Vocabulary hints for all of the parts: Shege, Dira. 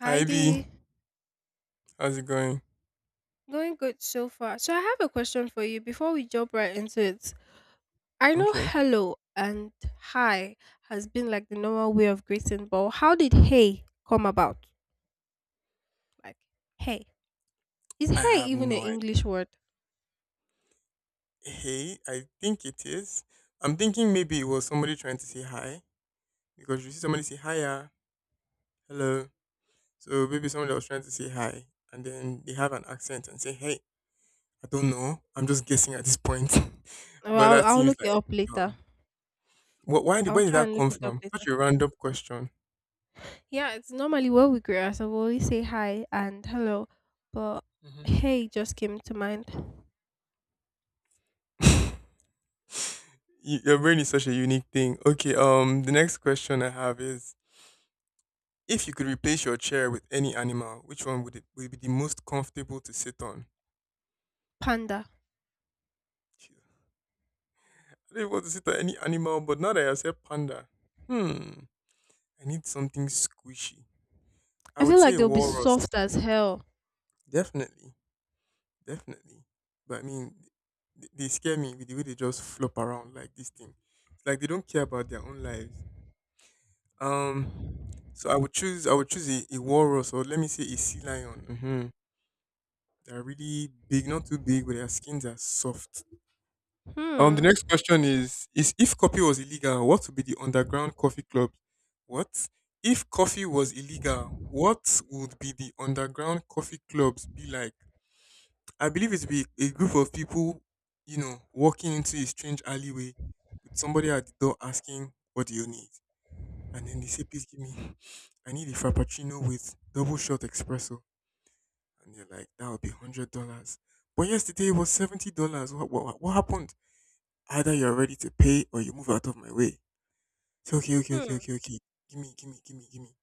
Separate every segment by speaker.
Speaker 1: Hi
Speaker 2: Hi B,
Speaker 1: Dee.
Speaker 2: how's it going?
Speaker 1: Going good so far. So I have a question for you before we jump right into it. I know
Speaker 2: Okay.
Speaker 1: hello and hi has been like the normal way of greeting, but how did hey come about? Like hey. Is
Speaker 2: I
Speaker 1: hey
Speaker 2: have
Speaker 1: even an
Speaker 2: no idea.
Speaker 1: English word?
Speaker 2: Hey, I think it is. I'm thinking maybe it was somebody trying to say hi because you see somebody say hiya, hello. So maybe somebody was trying to say hi and then they have an accent and say, hey, I don't know. I'm just guessing at this point.
Speaker 1: Well,
Speaker 2: But
Speaker 1: I'll,
Speaker 2: that
Speaker 1: I'll
Speaker 2: seems
Speaker 1: look it
Speaker 2: like,
Speaker 1: up later. I'll
Speaker 2: where did
Speaker 1: try
Speaker 2: that
Speaker 1: and look
Speaker 2: come
Speaker 1: it up
Speaker 2: from? Such
Speaker 1: later.
Speaker 2: a random question.
Speaker 1: Yeah, it's normally what we greet ourselves. We always say hi and hello, but
Speaker 2: Mhm.
Speaker 1: hey just came to mind.
Speaker 2: Your brain is such a unique thing. Okay, the next question I have is if you could replace your chair with any animal, which one would it would be the most comfortable to sit on?
Speaker 1: Panda.
Speaker 2: Jesus. I don't even want to sit on any animal, but now that I said panda, hmm, I need something squishy. I
Speaker 1: I
Speaker 2: would
Speaker 1: feel
Speaker 2: say
Speaker 1: like
Speaker 2: a
Speaker 1: they'll be
Speaker 2: walrus.
Speaker 1: soft as hell.
Speaker 2: Definitely, definitely. But I mean, they scare me with the way they just flop around like this thing. It's like they don't care about their own lives. Um, so I would choose a walrus or let me say a sea lion. They're really big, not too big, but their skins are soft. The
Speaker 1: Hmm.
Speaker 2: next question is: is: if coffee was illegal, what would be the underground coffee club? What if coffee was illegal? What would be the underground coffee clubs be like? I believe it would be a group of people, walking into a strange alleyway with somebody at the door asking, "What do you need?" And then they say, "Please give me, I need a frappuccino with double shot espresso." And you're like, "That would be $100." But yesterday it was $70. What happened? Either you're ready to pay or you move out of my way. Say, okay, okay, okay,
Speaker 1: Hmm.
Speaker 2: okay, okay. Give me, give me, give me, give me.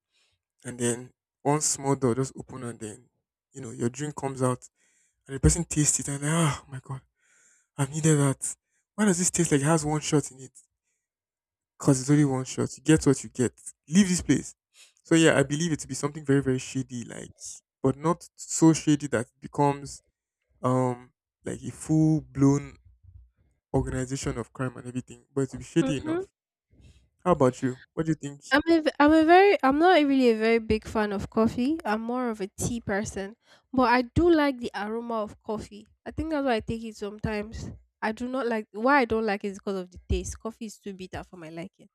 Speaker 2: And then one small door just open and then, your drink comes out and the person tastes it and they're like, oh my God, I've needed that. Why does this taste like it has one shot in it? Because it's only one shot. You get what you get. Leave this place. So yeah, I believe it to be something very, very shady, like, but not so shady that it becomes um like a full blown organization of crime and everything, but it to be shady
Speaker 1: Mhm.
Speaker 2: enough. How about you? What do you think?
Speaker 1: I'm not really a very big fan of coffee. I'm more of a tea person, but I do like the aroma of coffee. I think that's why I take it sometimes. I do not like Why I don't like it is because of the taste. Coffee is too bitter for my liking.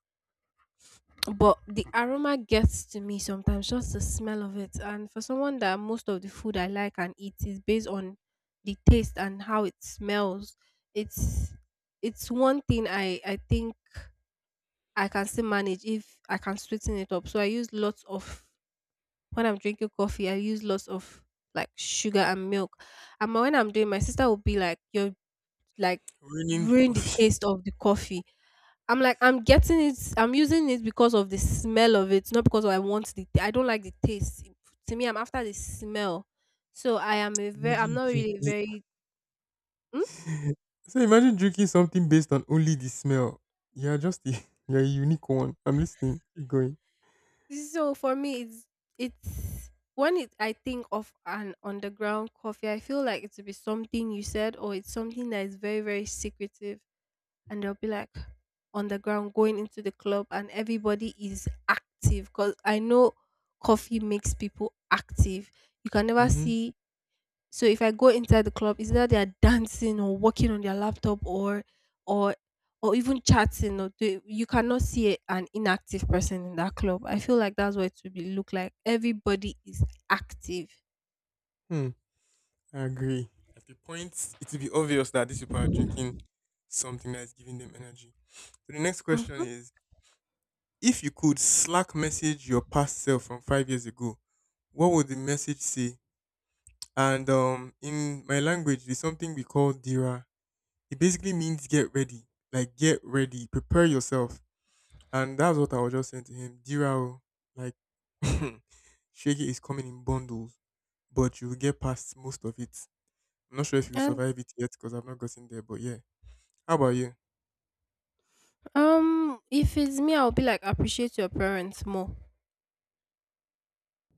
Speaker 1: But the aroma gets to me sometimes, just the smell of it. And for someone that most of the food I like and eat is based on the taste and how it smells, it's it's one thing I think I can still manage if I can sweeten it up. So I use lots of When I'm drinking coffee, I use lots of like sugar and milk. And when I'm doing, my sister will be like, "You're like
Speaker 2: Ruining the
Speaker 1: ruin the
Speaker 2: coffee.
Speaker 1: taste of the coffee." I'm like, I'm getting it. I'm using it because of the smell of it, not because I want the. I don't like the taste. To me, I'm after the smell. So I am a very. I'm
Speaker 2: Imagine
Speaker 1: not really a
Speaker 2: drinking.
Speaker 1: very. Hmm?
Speaker 2: So imagine drinking something based on only the smell. You're just a, you're a unique one. I'm listening. Keep going.
Speaker 1: So for me, I think of an underground coffee, I feel like it will be something you said, or it's something that is very, very secretive, and they'll be like underground going into the club, and everybody is active because I know coffee makes people active. You can never
Speaker 2: Mm-hmm.
Speaker 1: see So if I go inside the club, it's either they are dancing or working on their laptop or or even chatting. Or you cannot see an inactive person in that club. I feel like that's what it would be look like. Everybody is active.
Speaker 2: Hmm. I agree. At the point, it will be obvious that these people are drinking something that is giving them energy. So the next question
Speaker 1: hmm
Speaker 2: is: if you could Slack message your past self from 5 years ago, what would the message say? And in my language, there's something we call Dira. It basically means get ready. Like get ready, prepare yourself. And that's what I was just saying to him. Dira, like Shege is coming in bundles, but you will get past most of it. I'm not sure if you
Speaker 1: And
Speaker 2: survive it yet because I've not gotten there, but yeah. How about you?
Speaker 1: if it's me, I'll be like appreciate your parents more.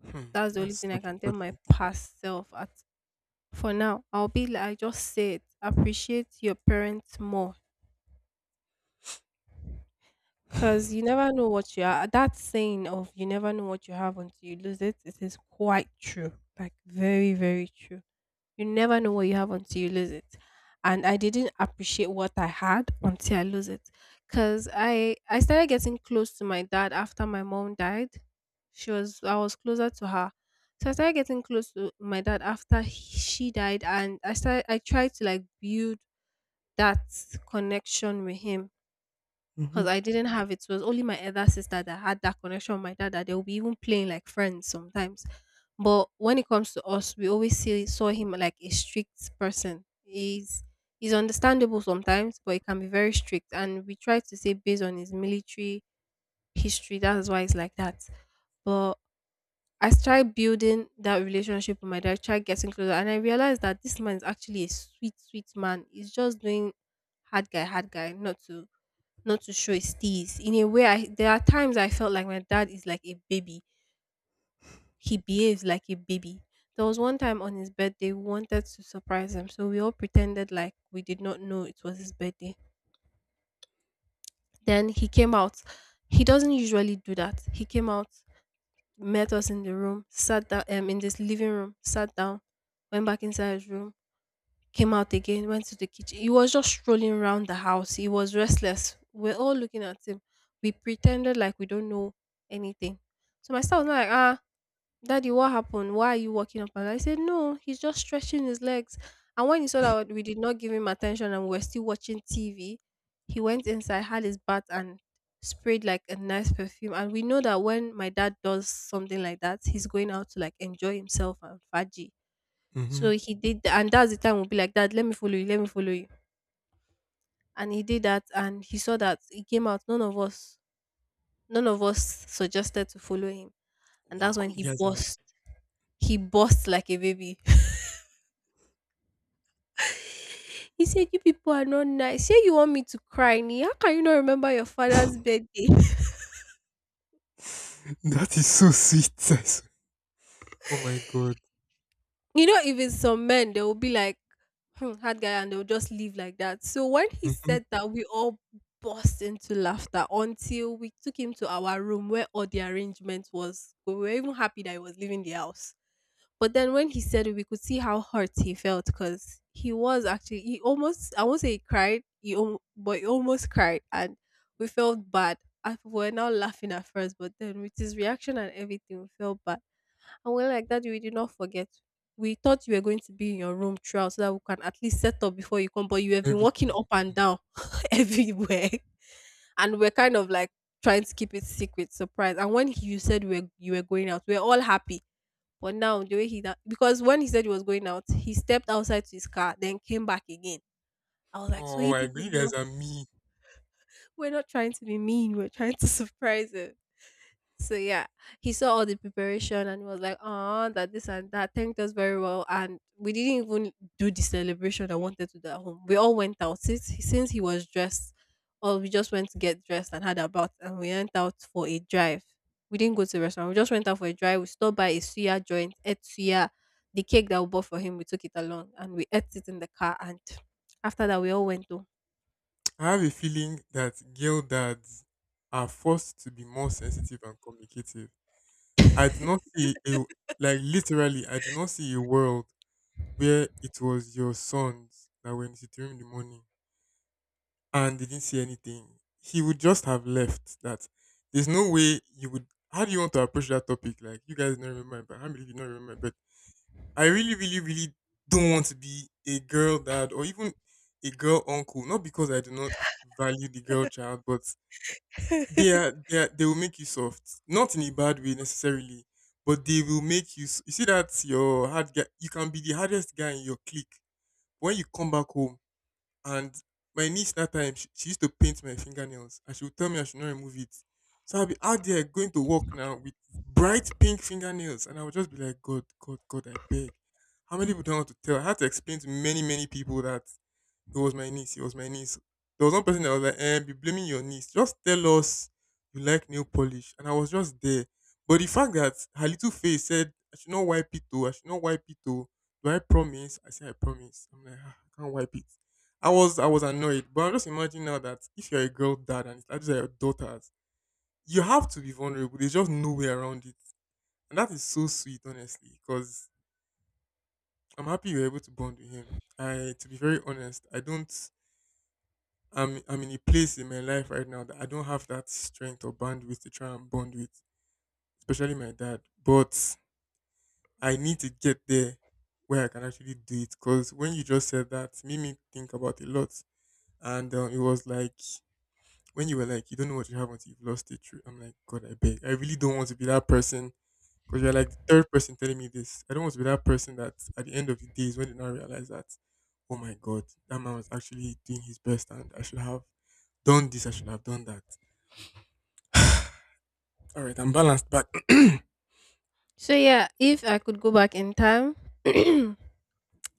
Speaker 2: Hmm,
Speaker 1: That's the only
Speaker 2: that's
Speaker 1: thing I
Speaker 2: such
Speaker 1: can
Speaker 2: a
Speaker 1: tell my
Speaker 2: touching thing.
Speaker 1: past self. At For now, I'll be like, I just say it. Appreciate your parents more, cause you never know what you are. That saying of "you never know what you have until you lose it" it is quite true. Like very, very true. You never know what you have until you lose it. And I didn't appreciate what I had until I lose it. Cause I started getting close to my dad after my mom died. She was I was closer to her. So I started getting close to my dad after she died and I tried to like build that connection with him because
Speaker 2: Hmm.
Speaker 1: I didn't have it. So it was only my other sister that had that connection with my dad that they will be even playing like friends sometimes. But when it comes to us, we always see saw him like a strict person. He's understandable sometimes, but he can be very strict. And we try to say based on his military history, that's why it's like that. But I started building that relationship with my dad, tried getting closer, and I realized that this man is actually a sweet, sweet man. He's just doing hard guy, not to show his teeth. In a way, I there are times I felt like my dad is like a baby. He behaves like a baby. There was one time on his birthday, we wanted to surprise him, so we all pretended like we did not know it was his birthday. Then he came out. He doesn't usually do that. He came out, met us in the room, sat down, in this living room, sat down, went back inside his room, came out again, went to the kitchen. He was just strolling around the house. He was restless. We're all looking at him. We pretended like we don't know anything. So my son was like, ah, daddy, what happened? Why are you walking up? And I said, no, he's just stretching his legs. And when he saw that we did not give him attention and we were still watching TV, he went inside, had his bath, and sprayed like a nice perfume. And we know that when my dad does something like that, he's going out to like enjoy himself and fudgy.
Speaker 2: Hmm.
Speaker 1: So he did tha and that's the time we'll be like, "Dad, let me follow you, let me follow you." And he did that and he saw that it came out none of us suggested to follow him. And that's
Speaker 2: Wow,
Speaker 1: when
Speaker 2: you
Speaker 1: he
Speaker 2: guys
Speaker 1: burst. He burst like a baby. He said, "You people are not nice. Say you want me to cry, Ni. How can you not remember your father's
Speaker 2: are
Speaker 1: birthday?"
Speaker 2: that is so sweet. I swear. Oh my god.
Speaker 1: You know, even some men, they will be like, "Hmm, that guy and they'll just leave like that. So when he
Speaker 2: Hmm.
Speaker 1: said that, we all burst into laughter until we took him to our room where all the arrangement was. We were even happy that he was leaving the house. But then when he said it, we could see how hurt he felt because he was actually he almost I won't say he cried, but he almost cried and we felt bad. We were now laughing at first, but then with his reaction and everything, we felt bad. And we're like, Daddy, we did not forget. We thought you were going to be in your room throughout so that we can at least set up before you come, but you have been walking
Speaker 2: Everything.
Speaker 1: up and down everywhere. And we're kind of like trying to keep it secret, surprise. And when you said we were, you were going out, we're all happy. But now, the way he, that, because when he said he was going out, he stepped outside to his car, then came back again. I was like, so
Speaker 2: Oh
Speaker 1: you
Speaker 2: my
Speaker 1: people,
Speaker 2: god, you guys
Speaker 1: know
Speaker 2: are mean.
Speaker 1: we're not trying to be mean, we're trying to surprise him. So yeah, he saw all the preparation and he was like, "Oh, that this and that." Thanked us very well, and we didn't even do the celebration I wanted to do at home. We all went out since he was dressed. Or we just went to get dressed and had a bath, and we went out for a drive. We didn't go to the restaurant. We just went out for a drive. We stopped by a suya joint, ate suya, the cake that we bought for him. We took it along and we ate it in the car. And after that, we all went home.
Speaker 2: I have a feeling that girl dads are forced to be more sensitive and communicative. I do not see a, like, literally. I do not see a world where it was your sons that were in the sitting room in the morning and they didn't see anything. He would just have left. That there's no way you would. How do you want to approach that topic? Like you guys don't remember, but I believe you don't remember. But I really, really, really don't want to be a girl dad or even a girl uncle. Not because I do not value the girl child, but they are, they are, they will make you soft, not in a bad way necessarily, but they will make you. You see that your hard guy. You can be the hardest guy in your clique. When you come back home, and my niece that time, she used to paint my fingernails, and she would tell me I should not remove it. So I'll be out there going to work now with bright pink fingernails, and I would just be like, God, God, God, I beg. How many people don't want to tell? I had to explain to many, many people that it was my niece. It was my niece. There was one person that was like, eh, be blaming your niece. Just tell us you like nail polish. And I was just there. But the fact that her little face said, I should not wipe it though. I should not wipe it though. Do I promise? I said, I promise. I'm like, "Ah, I can't wipe it. I was annoyed. But I'm just imagining now that if you're a girl dad and it's like these are your daughters, you have to be vulnerable. There's just no way around it. And that is so sweet, honestly, because I'm happy you were able to bond with him. I, to be very honest, I don't. I'm in a place in my life right now that I don't have that strength or bandwidth to try and bond with, especially my dad. But I need to get there where I can actually do it. Because when you just said that, it made me think about a lot. And it was like when you were like, you don't know what you have until you've lost it. True. I'm like, God, I beg. I really don't want to be that person. Because you're like the third person telling me this. I don't want to be that person that at the end of the day is when they now realize that, oh my God, that man was actually doing his best and I should have done this, I should have done that. All right, I'm balanced, but
Speaker 1: So yeah, if I could go back in time.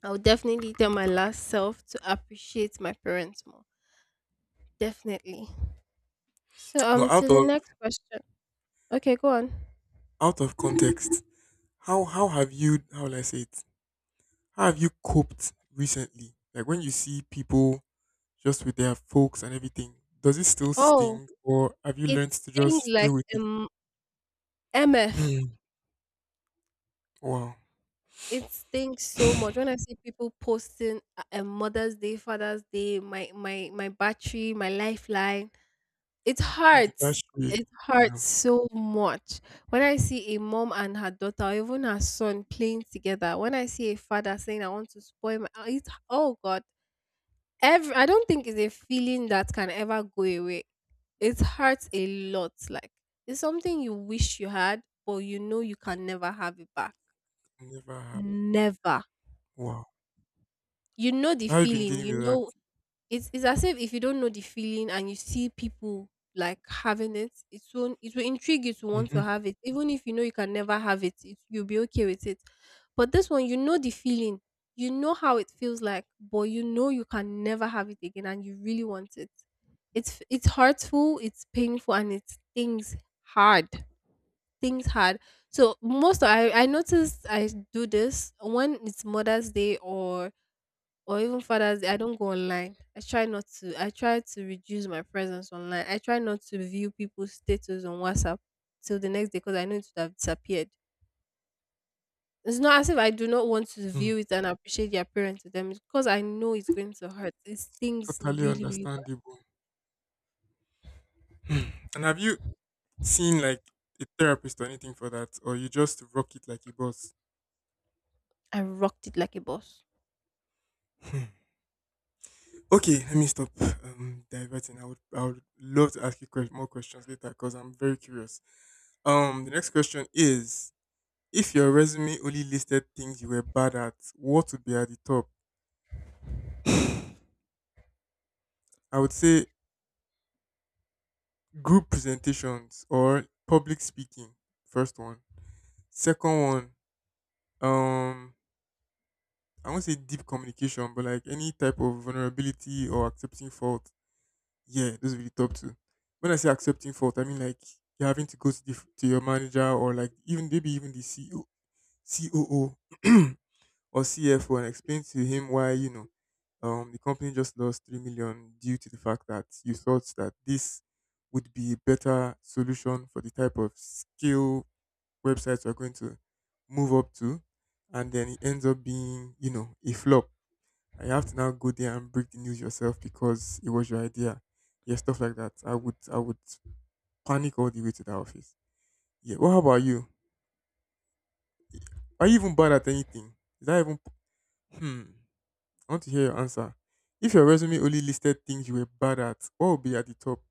Speaker 1: I would definitely tell my last self to appreciate my parents more. Definitely. So
Speaker 2: but
Speaker 1: to
Speaker 2: out
Speaker 1: the
Speaker 2: of
Speaker 1: next question. Okay, go on.
Speaker 2: out of context, how have you how will I say it? How have you coped recently? Like when you see people just with their folks and everything, does it still
Speaker 1: Oh,
Speaker 2: sting, or have you learned
Speaker 1: it's
Speaker 2: to
Speaker 1: things
Speaker 2: just deal
Speaker 1: like
Speaker 2: with it?
Speaker 1: MF.
Speaker 2: Mm. Wow,
Speaker 1: It's things so much. When I see people posting Mother's Day, Father's Day, my battery, my lifeline, it
Speaker 2: an
Speaker 1: hurts.
Speaker 2: anniversary.
Speaker 1: It hurts
Speaker 2: Damn,
Speaker 1: so much. When I see a mom and her daughter, or even her son playing together, when I see a father saying, I want to spoil my, it, oh God, every, I don't think it's a feeling that can ever go away. It hurts a lot. Like it's something you wish you had, but you know you can never have it back.
Speaker 2: I never have.
Speaker 1: Never.
Speaker 2: Wow.
Speaker 1: You know the
Speaker 2: So how have you been
Speaker 1: feeling.
Speaker 2: dealing with that?
Speaker 1: It's as if you don't know the feeling and you see people like having it, it will intrigue you to want
Speaker 2: Mm-hmm.
Speaker 1: to have it, even if you know you can never have it. It you'll be okay with it. But this one, you know the feeling, you know how it feels like, but you know you can never have it again, and you really want it. It's hurtful, it's painful, and it stings hard. Things hard. So most I noticed I do this when it's Mother's Day or even Father's Day, I don't go online. I try not to. I try to reduce my presence online. I try not to view people's status on WhatsApp till the next day because I know it would have disappeared. It's not as if I do not want to view it and appreciate the appearance of them. It's because I know it's going to hurt. It stings
Speaker 2: Totally
Speaker 1: really, really
Speaker 2: understandable. Hmm. And have you seen like a therapist or anything for that, or you just rock it like a boss?
Speaker 1: bad. I rocked it like a boss.
Speaker 2: Hmm. Okay, let me stop, diverting. I would love to ask you more questions later because I'm very curious. The next question is: if your resume only listed things you were bad at, what would be at the top? I would say group presentations or public speaking. First one. Second one. Um, I won't say deep communication, but like any type of vulnerability or accepting fault. Yeah, those will be the top two. When I say accepting fault, I mean like you're having to, go to your manager or like even maybe even the CEO, COO or CFO and explain to him why the company just lost 3 million due to the fact that you thought that this would be a better solution for the type of skill websites we're going to move up to, and then it ends up being a flop and you have to now go there and break the news yourself because it was your idea. Yeah, stuff like that. I would panic all the way to the office. Yeah. What about you? Are you even bad at anything? Is that even hmm? I want to hear your answer. If your resume only listed things you were bad at, what would be at the top?